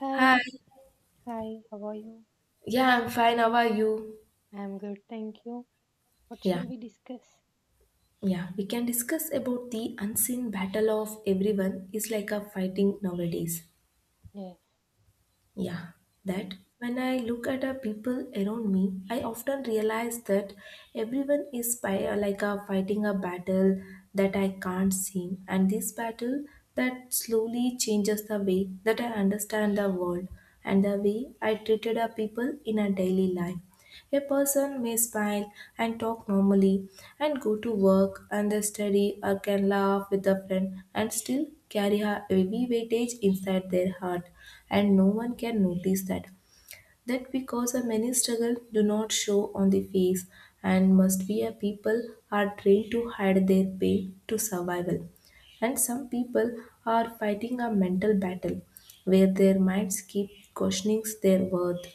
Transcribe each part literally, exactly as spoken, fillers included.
Hi, Hi. hi, how are you? Yeah, I'm fine. How are you? I'm good, thank you. What Yeah. shall we discuss? Yeah. We can discuss about the unseen battle of everyone is like a fighting nowadays. Yes, Yeah. cool. That when I look at the people around me, I often realize that everyone is fi- like a fighting a battle that I can't see. And this battle that slowly changes the way that I understand the world and the way I treated the people in a daily life. A person may smile and talk normally and go to work and they study or can laugh with a friend and still carry a heavy weightage inside their heart and no one can notice that. That because a many struggle do not show on the face and must be a people are trained to hide their pain to survival and some people are fighting a mental battle where their minds keep questioning their worth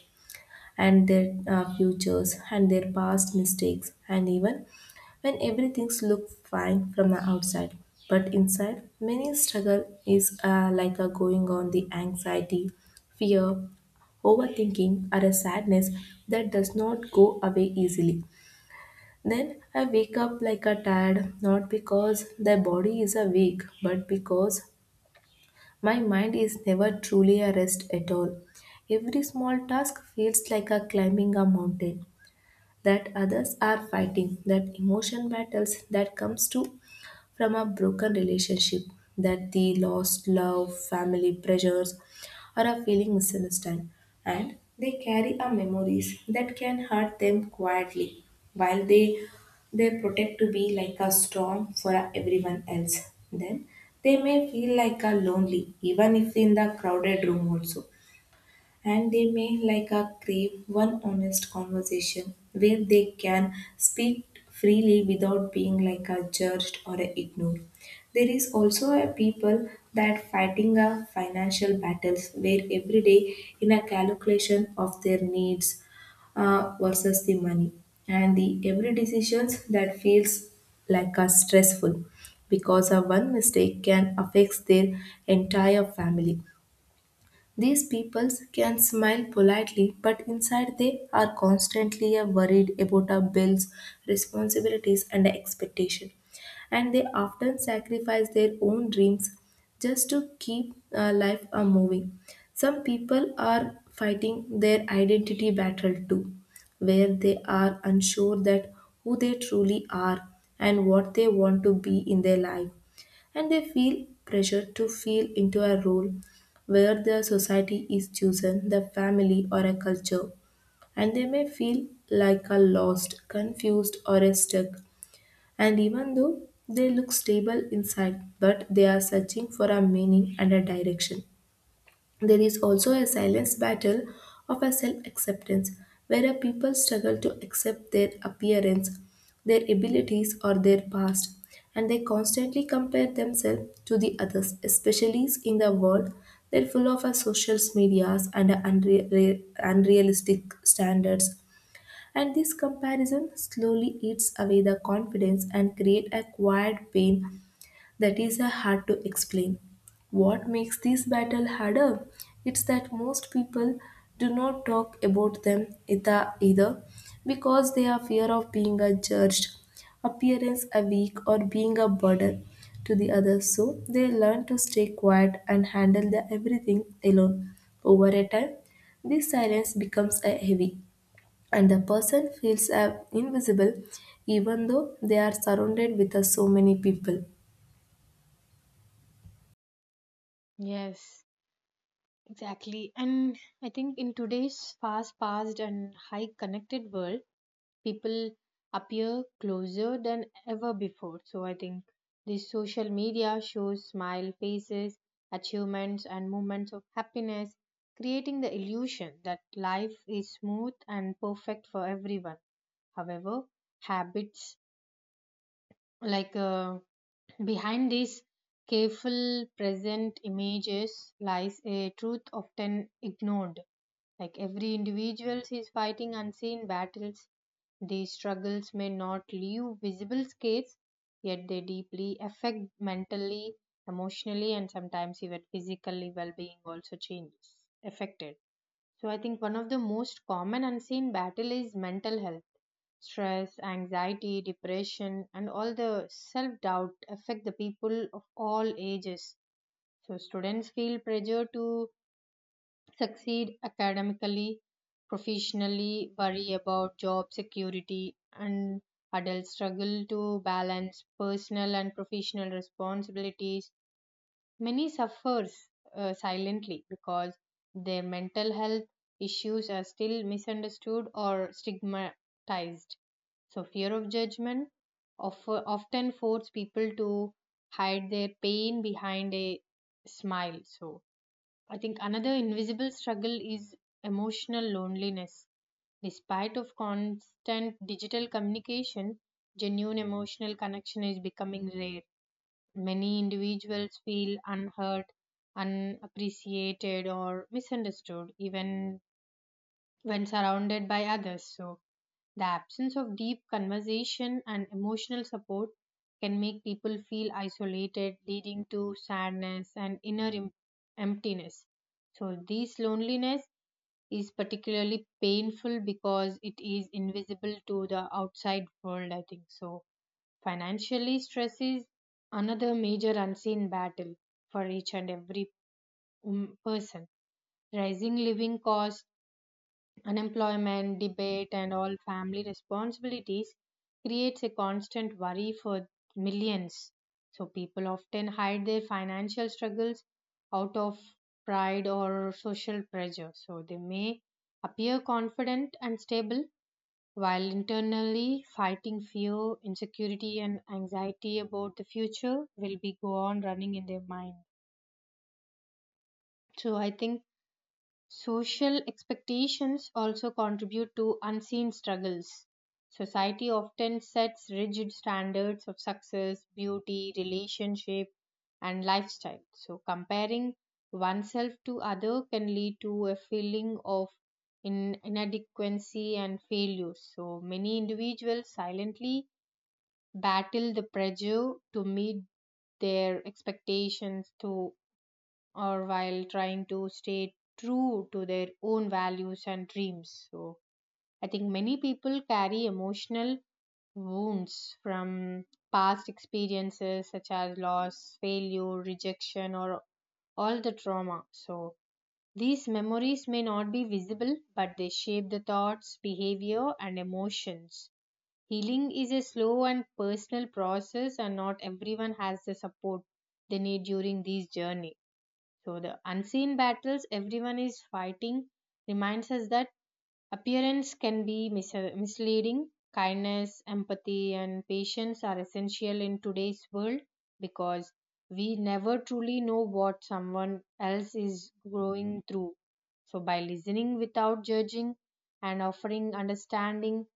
and their uh, futures and their past mistakes and even when everything looks fine from the outside but inside many struggle is uh, like a going on the anxiety, fear, overthinking or a sadness that does not go away easily. Then I wake up like a tired, not because the body is awake but because my mind is never truly a rest at all. Every small task feels like a climbing a mountain that others are fighting, that emotion battles that comes to from a broken relationship, that the lost love, family pressures, or a feeling misunderstood, and they carry our memories that can hurt them quietly, while they they protect to be like a storm for everyone else. Then they may feel like a lonely, even if in the crowded room also, and they may like a crave one honest conversation where they can speak freely without being like a judged or a ignored. There is also a people that fighting a financial battles where every day in a calculation of their needs uh, versus the money and the every decisions that feels like a stressful because a one mistake can affect their entire family. These peoples can smile politely, but inside they are constantly uh, worried about our bills, responsibilities, and expectation. And they often sacrifice their own dreams just to keep uh, life uh, moving. Some people are fighting their identity battle too, where they are unsure that who they truly are and what they want to be in their life and they feel pressure to feel into a role where the society is chosen, the family or a culture, and they may feel like a lost, confused or a stuck. And even though they look stable inside, but they are searching for a meaning and a direction. There is also a silence battle of a self acceptance where a people struggle to accept their appearance, their abilities, or their past, and they constantly compare themselves to the others, especially in the world that full of our social medias and our unre- unrealistic standards. And this comparison slowly eats away the confidence and create a quiet pain that is a hard to explain. What makes this battle harder? It's that most people do not talk about them either, either because they are fear of being a judged, appearance a weak or being a burden to the others. So they learn to stay quiet and handle the everything alone. Over a time, this silence becomes a heavy and the person feels uh, invisible even though they are surrounded with uh, so many people. Yes, exactly. And I think in today's fast paced and high connected world, people appear closer than ever before. So I think this social media shows smile faces, achievements, and moments of happiness, creating the illusion that life is smooth and perfect for everyone. However, habits like uh, behind these careful present images lies a truth often ignored, like every individual is fighting unseen battles. These struggles may not leave visible scars, yet they deeply affect mentally, emotionally, and sometimes even physically well-being also changes affected. So I think one of the most common unseen battle is mental health. Stress, anxiety, depression, and all the self doubt affect the people of all ages. So, students feel pressure to succeed academically, professionally, worry about job security, and adults struggle to balance personal and professional responsibilities. Many suffers uh, silently because their mental health issues are still misunderstood or stigmatized. So fear of judgment of, often force people to hide their pain behind a smile. So I think another invisible struggle is emotional loneliness. Despite of constant digital communication, genuine emotional connection is becoming rare. Many individuals feel unheard, unappreciated, or misunderstood, even when surrounded by others. So, the absence of deep conversation and emotional support can make people feel isolated, leading to sadness and inner em- emptiness. So, this loneliness is particularly painful because it is invisible to the outside world, I think so. Financially, stress is another major unseen battle for each and every um, person. Rising living costs, unemployment, debate, and all family responsibilities creates a constant worry for millions. So, people often hide their financial struggles out of pride or social pressure. So, they may appear confident and stable while internally fighting fear, insecurity, and anxiety about the future will be go on running in their mind. So I think social expectations also contribute to unseen struggles. Society often sets rigid standards of success, beauty, relationship, and lifestyle. So comparing oneself to other can lead to a feeling of in inadequacy and failure. So many individuals silently battle the pressure to meet their expectations to or while trying to stay true to their own values and dreams. So I think many people carry emotional wounds from past experiences such as loss, failure, rejection, or all the trauma. So these memories may not be visible, but they shape the thoughts, behavior, and emotions. Healing is a slow and personal process, and not everyone has the support they need during this journey. So, the unseen battles everyone is fighting reminds us that appearance can be mis- misleading. Kindness, empathy, and patience are essential in today's world because we never truly know what someone else is going through. So, by listening without judging and offering understanding,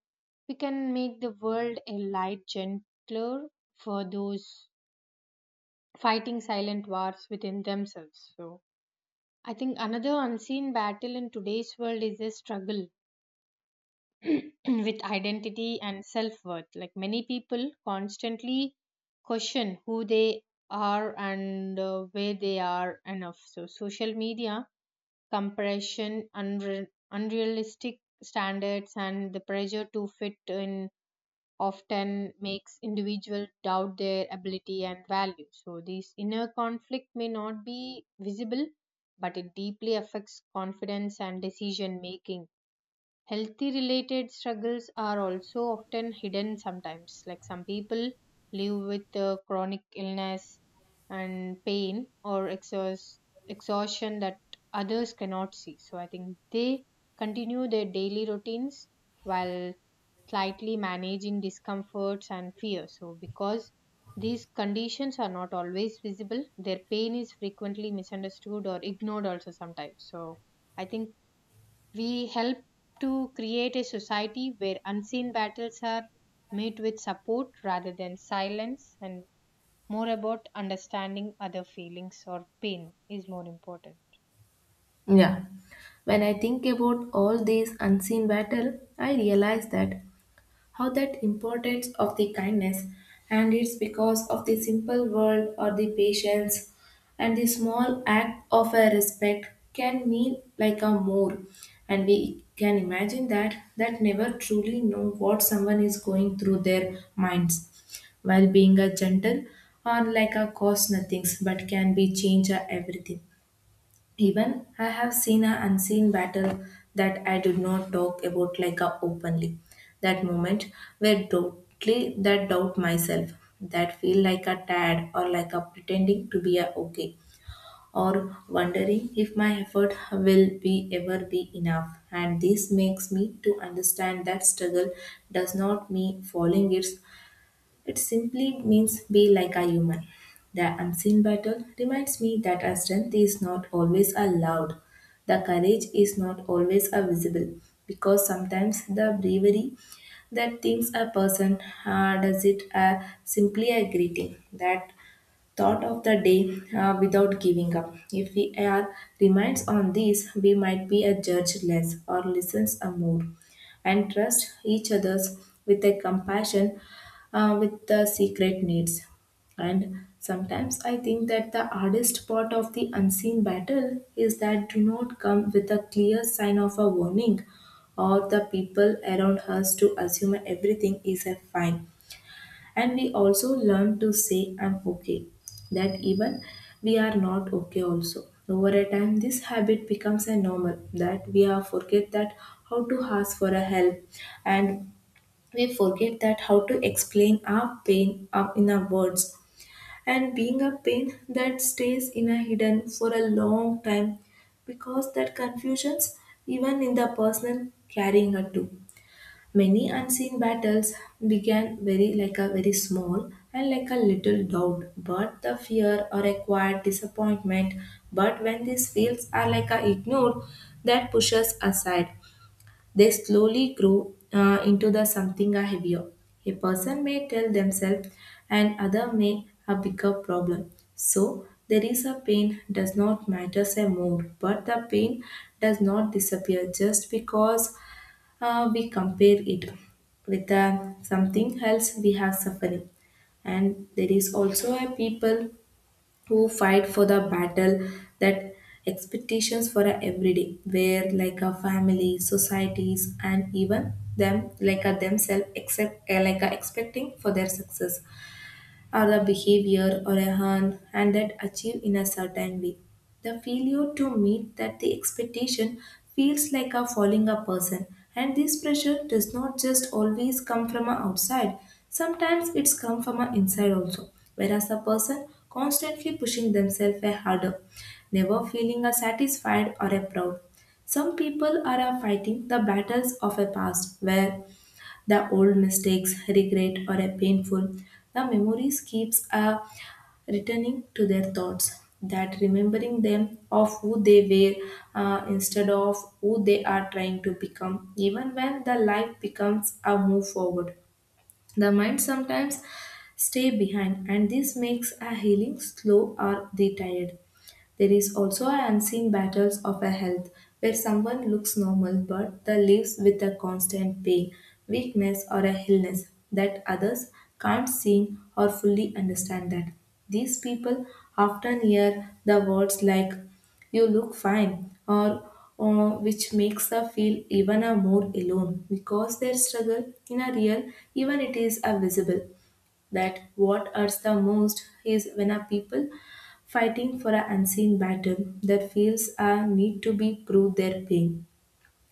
we can make the world a light, gentler for those fighting silent wars within themselves. So, I think another unseen battle in today's world is a struggle with identity and self worth. Like many people constantly question who they are and uh, where they are enough. So, social media, compression, unre- unrealistic standards, and the pressure to fit in often makes individuals doubt their ability and value. So, this inner conflict may not be visible, but it deeply affects confidence and decision making. Healthy related struggles are also often hidden sometimes. Like some people live with uh, chronic illness and pain or exhaust, exhaustion that others cannot see. So I think they continue their daily routines while slightly managing discomforts and fear. So because these conditions are not always visible, their pain is frequently misunderstood or ignored also sometimes. So I think we help to create a society where unseen battles are met with support rather than silence, and more about understanding other feelings or pain is more important. Yeah. When I think about all these unseen battle, I realize that how that importance of the kindness and it's because of the simple word or the patience and the small act of a respect can mean like a more, and we can imagine that that never truly know what someone is going through their minds while being a gentle or like a cost nothings but can be change a everything. Even I have seen an unseen battle that I did not talk about like a openly. That moment where doubtly that doubt myself, that feel like a tad or like a pretending to be a okay, or wondering if my effort will be ever be enough. And this makes me to understand that struggle does not mean falling. It's it simply means be like a human. The unseen battle reminds me that our strength is not always a loud. The courage is not always a visible because sometimes the bravery that thinks a person uh, does it uh, simply a greeting that thought of the day uh, without giving up. If we are reminds on this, we might be a judge less or listens a more, and trust each others with a compassion uh, with the secret needs. And sometimes I think that the hardest part of the unseen battle is that do not come with a clear sign of a warning or the people around us to assume everything is a fine and we also learn to say I'm okay that even we are not okay also. Over a time this habit becomes a normal that we are forget that how to ask for a help and we forget that how to explain our pain up in our words and being a pain that stays in a hidden for a long time because that confusions even in the personal carrying a too. Many unseen battles began very like a very small and like a little doubt, but the fear or a quiet disappointment. But when these feels are like a ignored, that pushes aside. They slowly grow uh, into the something a heavier. A person may tell themselves, and other may a bigger problem. So there is a pain does not matter say more, but the pain does not disappear just because uh, we compare it with uh, something else we have suffering. And there is also a people who fight for the battle that expectations for a everyday where like a family societies and even them like a themselves except uh, like a expecting for their success or a behavior or a harm and that achieve in a certain way. The failure to meet that the expectation feels like a falling a person and this pressure does not just always come from a outside. Sometimes it's come from a inside also, whereas a person constantly pushing themselves a harder, never feeling a satisfied or a proud. Some people are a fighting the battles of a past where the old mistakes, regret, or a painful. The memories keeps a returning to their thoughts. That remembering them of who they were uh, instead of who they are trying to become, even when the life becomes a move forward. The mind sometimes stay behind, and this makes a healing slow or retired. There is also an unseen battles of a health where someone looks normal but the lives with a constant pain, weakness or a illness that others can't see or fully understand that. These people often hear the words like you look fine or uh, which makes them feel even a more alone because their struggle in a real even it is a visible. That what hurts the most is when a people fighting for an unseen battle that feels a need to be prove their pain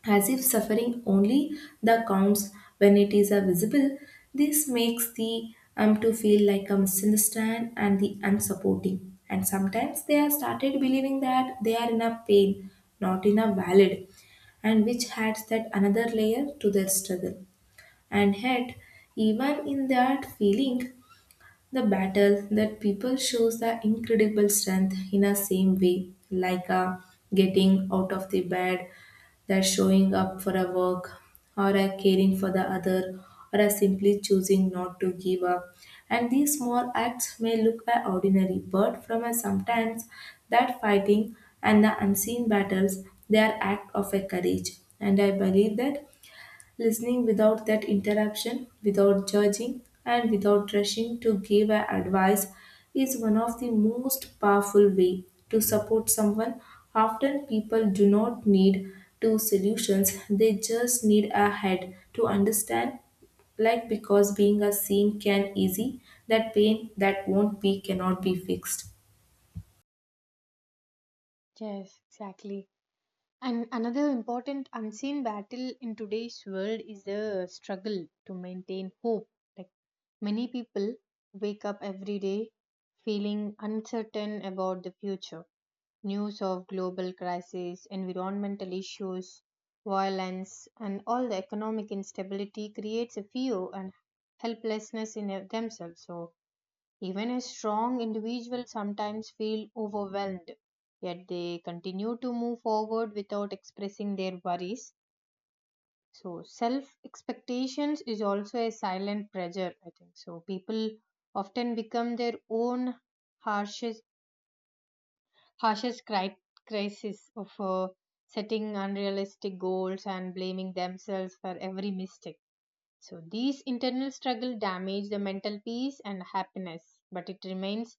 as if suffering only the counts when it is a visible. This makes the um to feel like a misunderstand and the unsupporting, and sometimes they are started believing that they are in a pain not in a valid, and which adds that another layer to their struggle. And yet, even in that feeling, the battle that people shows the incredible strength in a same way, like a getting out of the bed, that showing up for a work, or a caring for the other, or a simply choosing not to give up. And these small acts may look a ordinary, but from a sometimes that fighting and the unseen battles, they are act of a courage. And I believe that listening without that interruption, without judging, and without rushing to give a advice is one of the most powerful way to support someone. Often people do not need two solutions, they just need a head to understand, like because being a seen can easy that pain that won't be cannot be fixed. Yes, exactly. And another important unseen battle in today's world is the struggle to maintain hope. Like many people wake up every day feeling uncertain about the future. News of global crises, environmental issues, violence, and all the economic instability creates a fear and helplessness in a- themselves. So, even a strong individual sometimes feel overwhelmed, yet they continue to move forward without expressing their worries. So, self expectations is also a silent pressure, I think. So, people often become their own harshest harshest cri- crisis of uh, setting unrealistic goals and blaming themselves for every mistake. So these internal struggle damage the mental peace and happiness, but it remains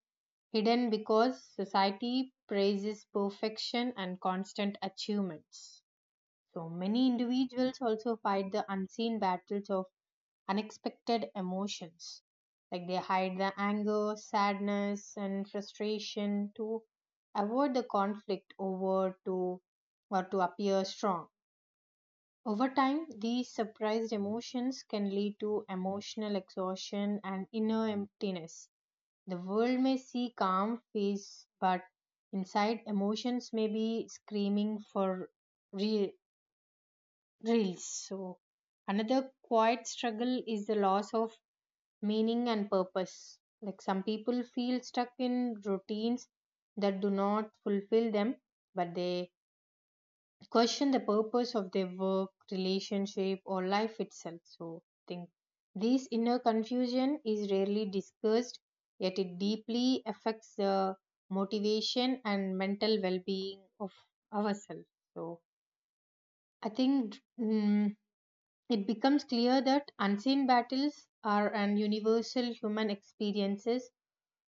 hidden because society praises perfection and constant achievements. So many individuals also fight the unseen battles of unexpected emotions. Like they hide the anger, sadness, and frustration to avoid the conflict over to or to appear strong. Over time, these suppressed emotions can lead to emotional exhaustion and inner emptiness. The world may see calm face, but inside emotions may be screaming for re- reels. So, another quiet struggle is the loss of meaning and purpose. Like some people feel stuck in routines that do not fulfill them, but they question the purpose of their work, relationship, or life itself. So, I think this inner confusion is rarely discussed, yet it deeply affects the motivation and mental well being of ourselves. So, I think mm, it becomes clear that unseen battles are an universal human experiences.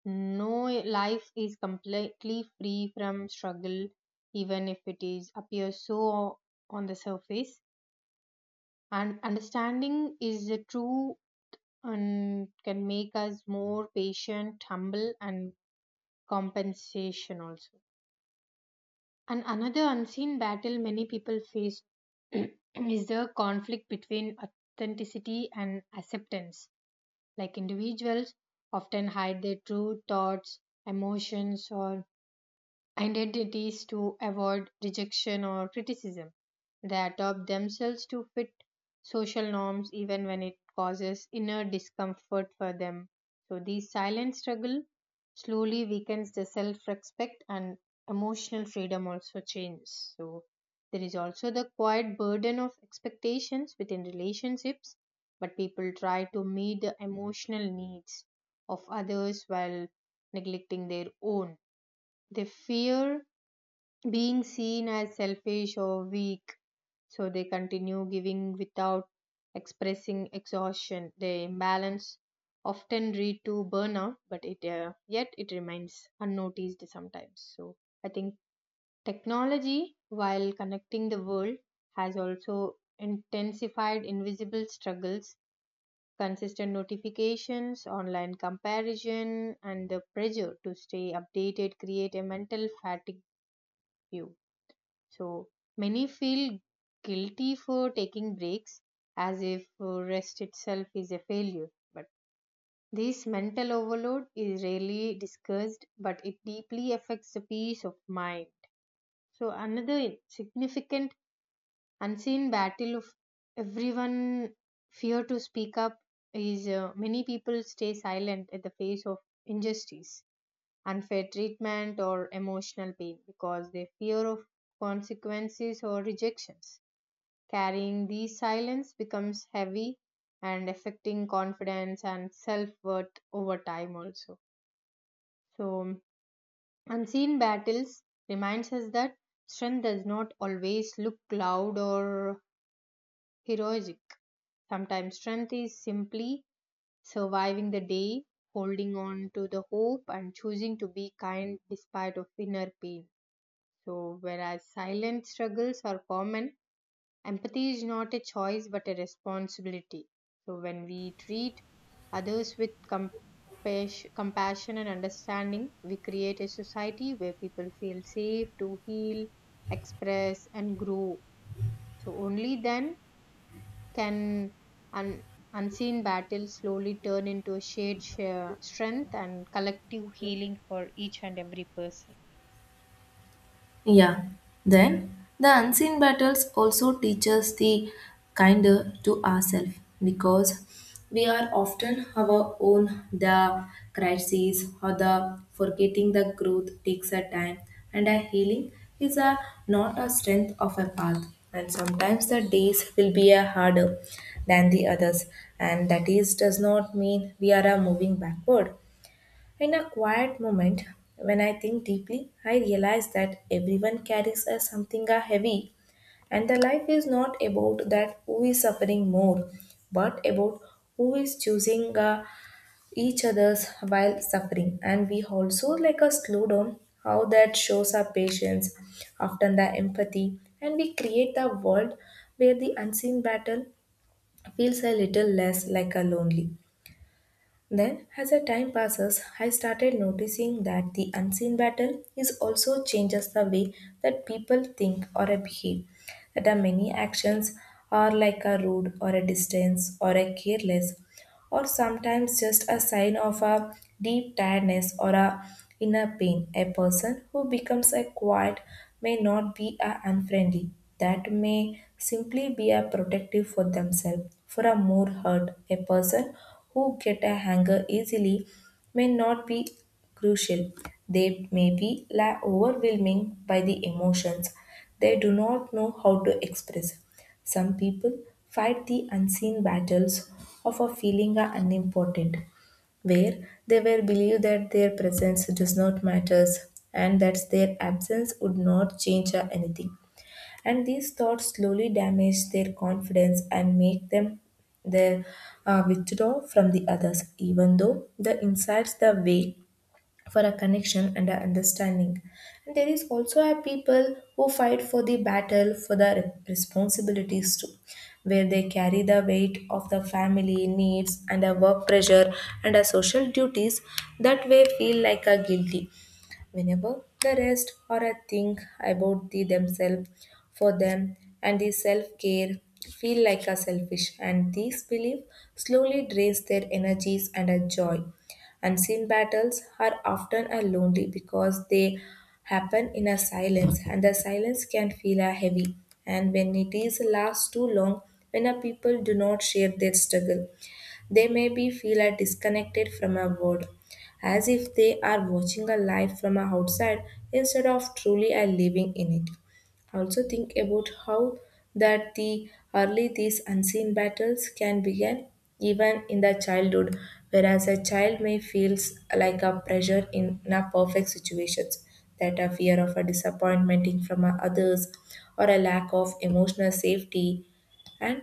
No life is completely free from struggle, even if it is appears so on the surface. And understanding is the true and can make us more patient, humble, and compensation also. And another unseen battle many people face is the conflict between authenticity and acceptance. Like individuals often hide their true thoughts, emotions, or identities to avoid rejection or criticism. They adopt themselves to fit social norms even when it causes inner discomfort for them. So, this silent struggle slowly weakens the self respect and emotional freedom also changes. So, there is also the quiet burden of expectations within relationships, but people try to meet the emotional needs of others while neglecting their own. They fear being seen as selfish or weak, so they continue giving without expressing exhaustion. The imbalance often lead to burnout, but it uh, yet it remains unnoticed sometimes. So I think technology, while connecting the world, has also intensified invisible struggles. Consistent notifications, online comparison, and the pressure to stay updated create a mental fatigue view. So many feel guilty for taking breaks as if uh, rest itself is a failure. But this mental overload is rarely discussed, but it deeply affects the peace of mind. So another significant unseen battle of everyone fear to speak up is uh, many people stay silent at the face of injustice, unfair treatment or emotional pain because they fear of consequences or rejections. Carrying these silence becomes heavy and affecting confidence and self worth over time also. So unseen battles reminds us that strength does not always look loud or heroic. Sometimes strength is simply surviving the day, holding on to the hope and choosing to be kind despite of inner pain. So whereas silent struggles are common, empathy is not a choice but a responsibility. So, when we treat others with compassion, compassion and understanding, we create a society where people feel safe to heal, express, and grow. So, only then can un- unseen battles slowly turn into a shared share strength and collective healing for each and every person. Yeah. Then the unseen battles also teach us the kinder to ourselves because we are often our own the crises or the forgetting the growth takes a time and a healing is a not a strength of a path and sometimes the days will be a harder than the others and that is does not mean we are a moving backward. In a quiet moment, when I think deeply, I realize that everyone carries a something a heavy, and the life is not about that who is suffering more, but about who is choosing uh, each other's while suffering. And we also like a slow down how that shows our patience, often the empathy, and we create a world where the unseen battle feels a little less like a lonely. Then, as the time passes, I started noticing that the unseen battle is also changes the way that people think or behave. That our many actions are like a rude or a distance or a careless or sometimes just a sign of a deep tiredness or a inner pain. A person who becomes a quiet may not be a unfriendly. That may simply be a protective for themselves. For a more hurt, a person who get a anger easily may not be crucial. They may be la- overwhelming by the emotions they do not know how to express. Some people fight the unseen battles of a feeling are unimportant, where they were believed that their presence does not matter and that their absence would not change or anything. And these thoughts slowly damage their confidence and make them their uh, withdraw from the others, even though the insides the way for a connection and a understanding. And there is also a people who fight for the battle for the responsibilities too, where they carry the weight of the family needs and a work pressure and a social duties that way feel like a guilty. Whenever the rest or I think about the themselves for them and the self-care feel like a selfish, and these beliefs slowly drains their energies and a joy. Unseen battles are often a lonely because they happen in a silence, and the silence can feel a heavy, and when it is lasts too long, when a people do not share their struggle, they may be feel are disconnected from our world, as if they are watching a life from a outside instead of truly are living in it. Also think about how that the early these unseen battles can begin even in the childhood, whereas a child may feels like a pressure in, in a perfect situations, that a fear of a disappointment in from a others or a lack of emotional safety, and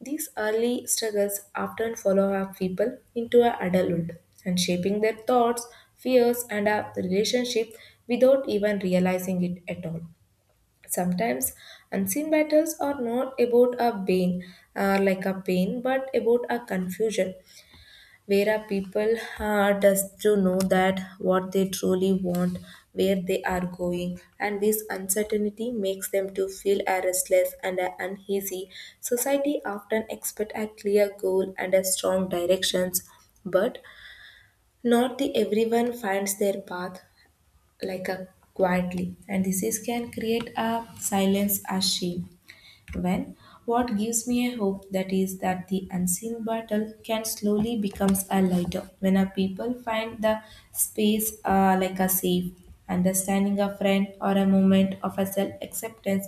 these early struggles often follow our people into our adulthood and shaping their thoughts, fears, and our relationship without even realizing it at all. Sometimes unseen battles are not about our pain, uh, like a pain, but about our confusion, where a people uh, does to know that what they truly want, where they are going, and this uncertainty makes them to feel a restless and a uneasy. Society often expect a clear goal and a strong directions, but not the everyone finds their path like a quietly, and this is can create a silence a shame. When what gives me a hope that is that the unseen battle can slowly becomes a lighter when a people find the space uh, like a safe understanding a friend or a moment of a self acceptance.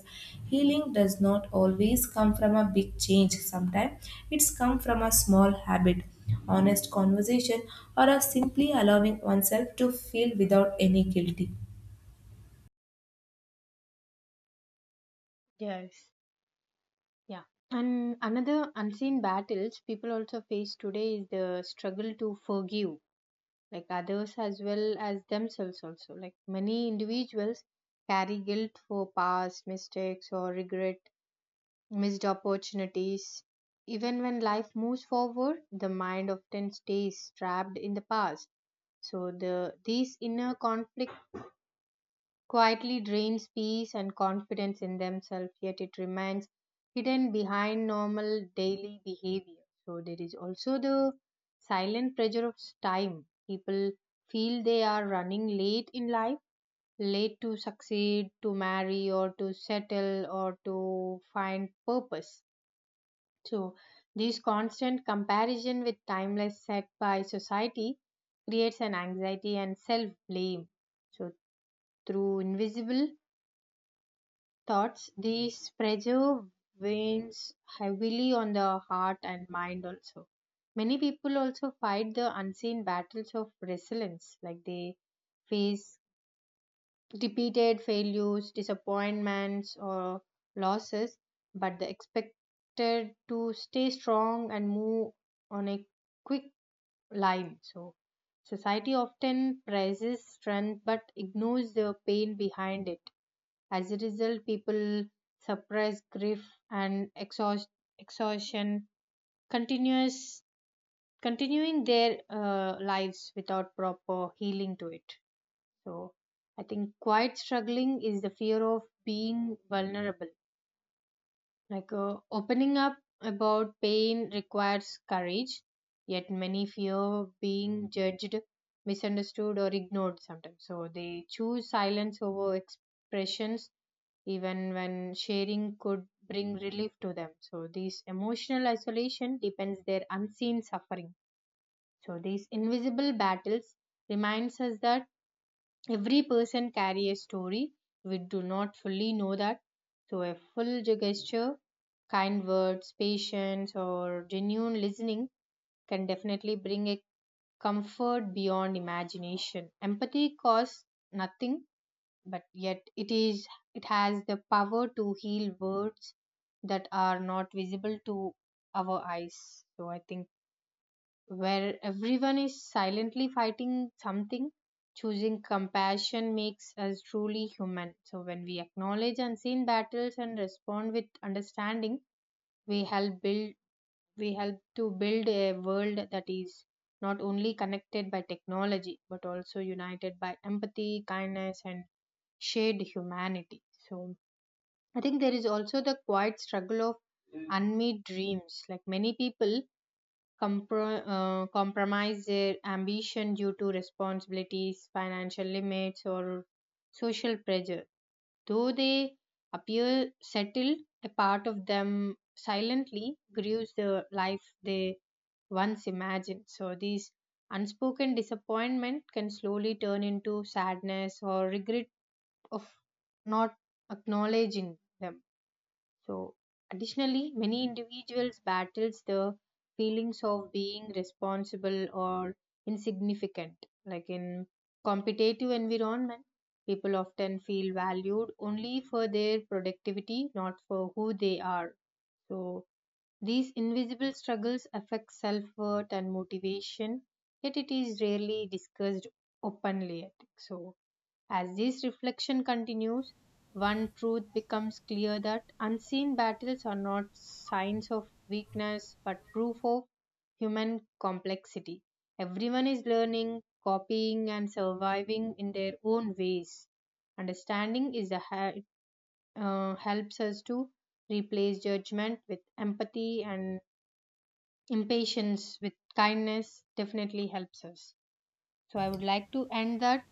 Healing does not always come from a big change, sometimes it's come from a small habit, honest conversation, or a simply allowing oneself to feel without any guilty. Yes. Yeah. And another unseen battles people also face today is the struggle to forgive, like others as well as themselves, also. Like many individuals carry guilt for past mistakes or regret, missed opportunities. Even when life moves forward, the mind often stays trapped in the past. So the these inner conflicts quietly drains peace and confidence in themselves, yet it remains hidden behind normal daily behavior. So, there is also the silent pressure of time. People feel they are running late in life, late to succeed, to marry, or to settle, or to find purpose. So, this constant comparison with timeless set by society creates an anxiety and self blame. So, through invisible thoughts. These pressure weighs heavily on the heart and mind also. Many people also fight the unseen battles of resilience, like they face repeated failures, disappointments, or losses, but they expected to stay strong and move on a quick line. So, society often praises strength but ignores the pain behind it. As a result, people suppress grief, and exhaust, exhaustion continuous continuing their uh, lives without proper healing to it. So, I think quite struggling is the fear of being vulnerable. Like uh, opening up about pain requires courage, yet many fear being judged, misunderstood, or ignored sometimes. So, they choose silence over expressions even when sharing could bring relief to them. So, this emotional isolation depends their unseen suffering. So, these invisible battles reminds us that every person carry a story we do not fully know that. So, a full gesture, kind words, patience, or genuine listening can definitely bring a comfort beyond imagination. Empathy costs nothing, but yet it is it has the power to heal words that are not visible to our eyes. So I think where everyone is silently fighting something, choosing compassion makes us truly human. So when we acknowledge unseen battles and respond with understanding, we help build we help to build a world that is not only connected by technology but also united by empathy, kindness, and shared humanity. So I think there is also the quiet struggle of unmet dreams. Like many people compro- uh, compromise their ambition due to responsibilities, financial limits, or social pressure. Though they appear settled, a part of them silently grieves the life they once imagined. So these unspoken disappointment can slowly turn into sadness or regret of not acknowledging them. So, additionally, many individuals battles the feelings of being responsible or insignificant. Like in competitive environment, people often feel valued only for their productivity, not for who they are. So, these invisible struggles affect self-worth and motivation, yet it is rarely discussed openly, I think. So, as this reflection continues, one truth becomes clear that unseen battles are not signs of weakness but proof of human complexity. Everyone is learning, copying, and surviving in their own ways. Understanding is the he- uh, helps us to replace judgment with empathy, and impatience with kindness definitely helps us. So I would like to end that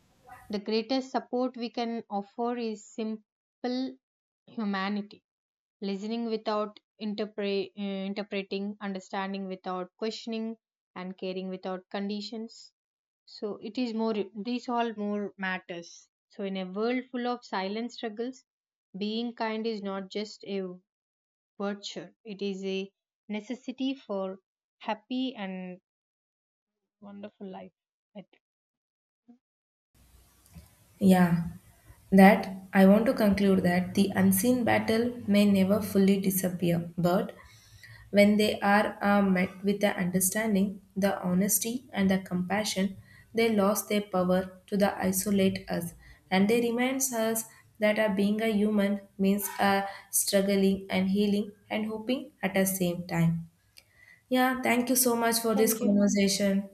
the greatest support we can offer is simple humanity, listening without interpre- uh, interpreting, understanding without questioning, and caring without conditions. So it is more, these all more matters. So in a world full of silent struggles, being kind is not just a virtue, it is a necessity for happy and wonderful life, I think. Yeah, that I want to conclude that the unseen battle may never fully disappear, but when they are uh, met with the understanding, the honesty, and the compassion, they lost their power to the isolate us, and they reminds us that uh, being a human means uh, struggling and healing and hoping at the same time. Yeah, thank you so much for this Thank you. conversation.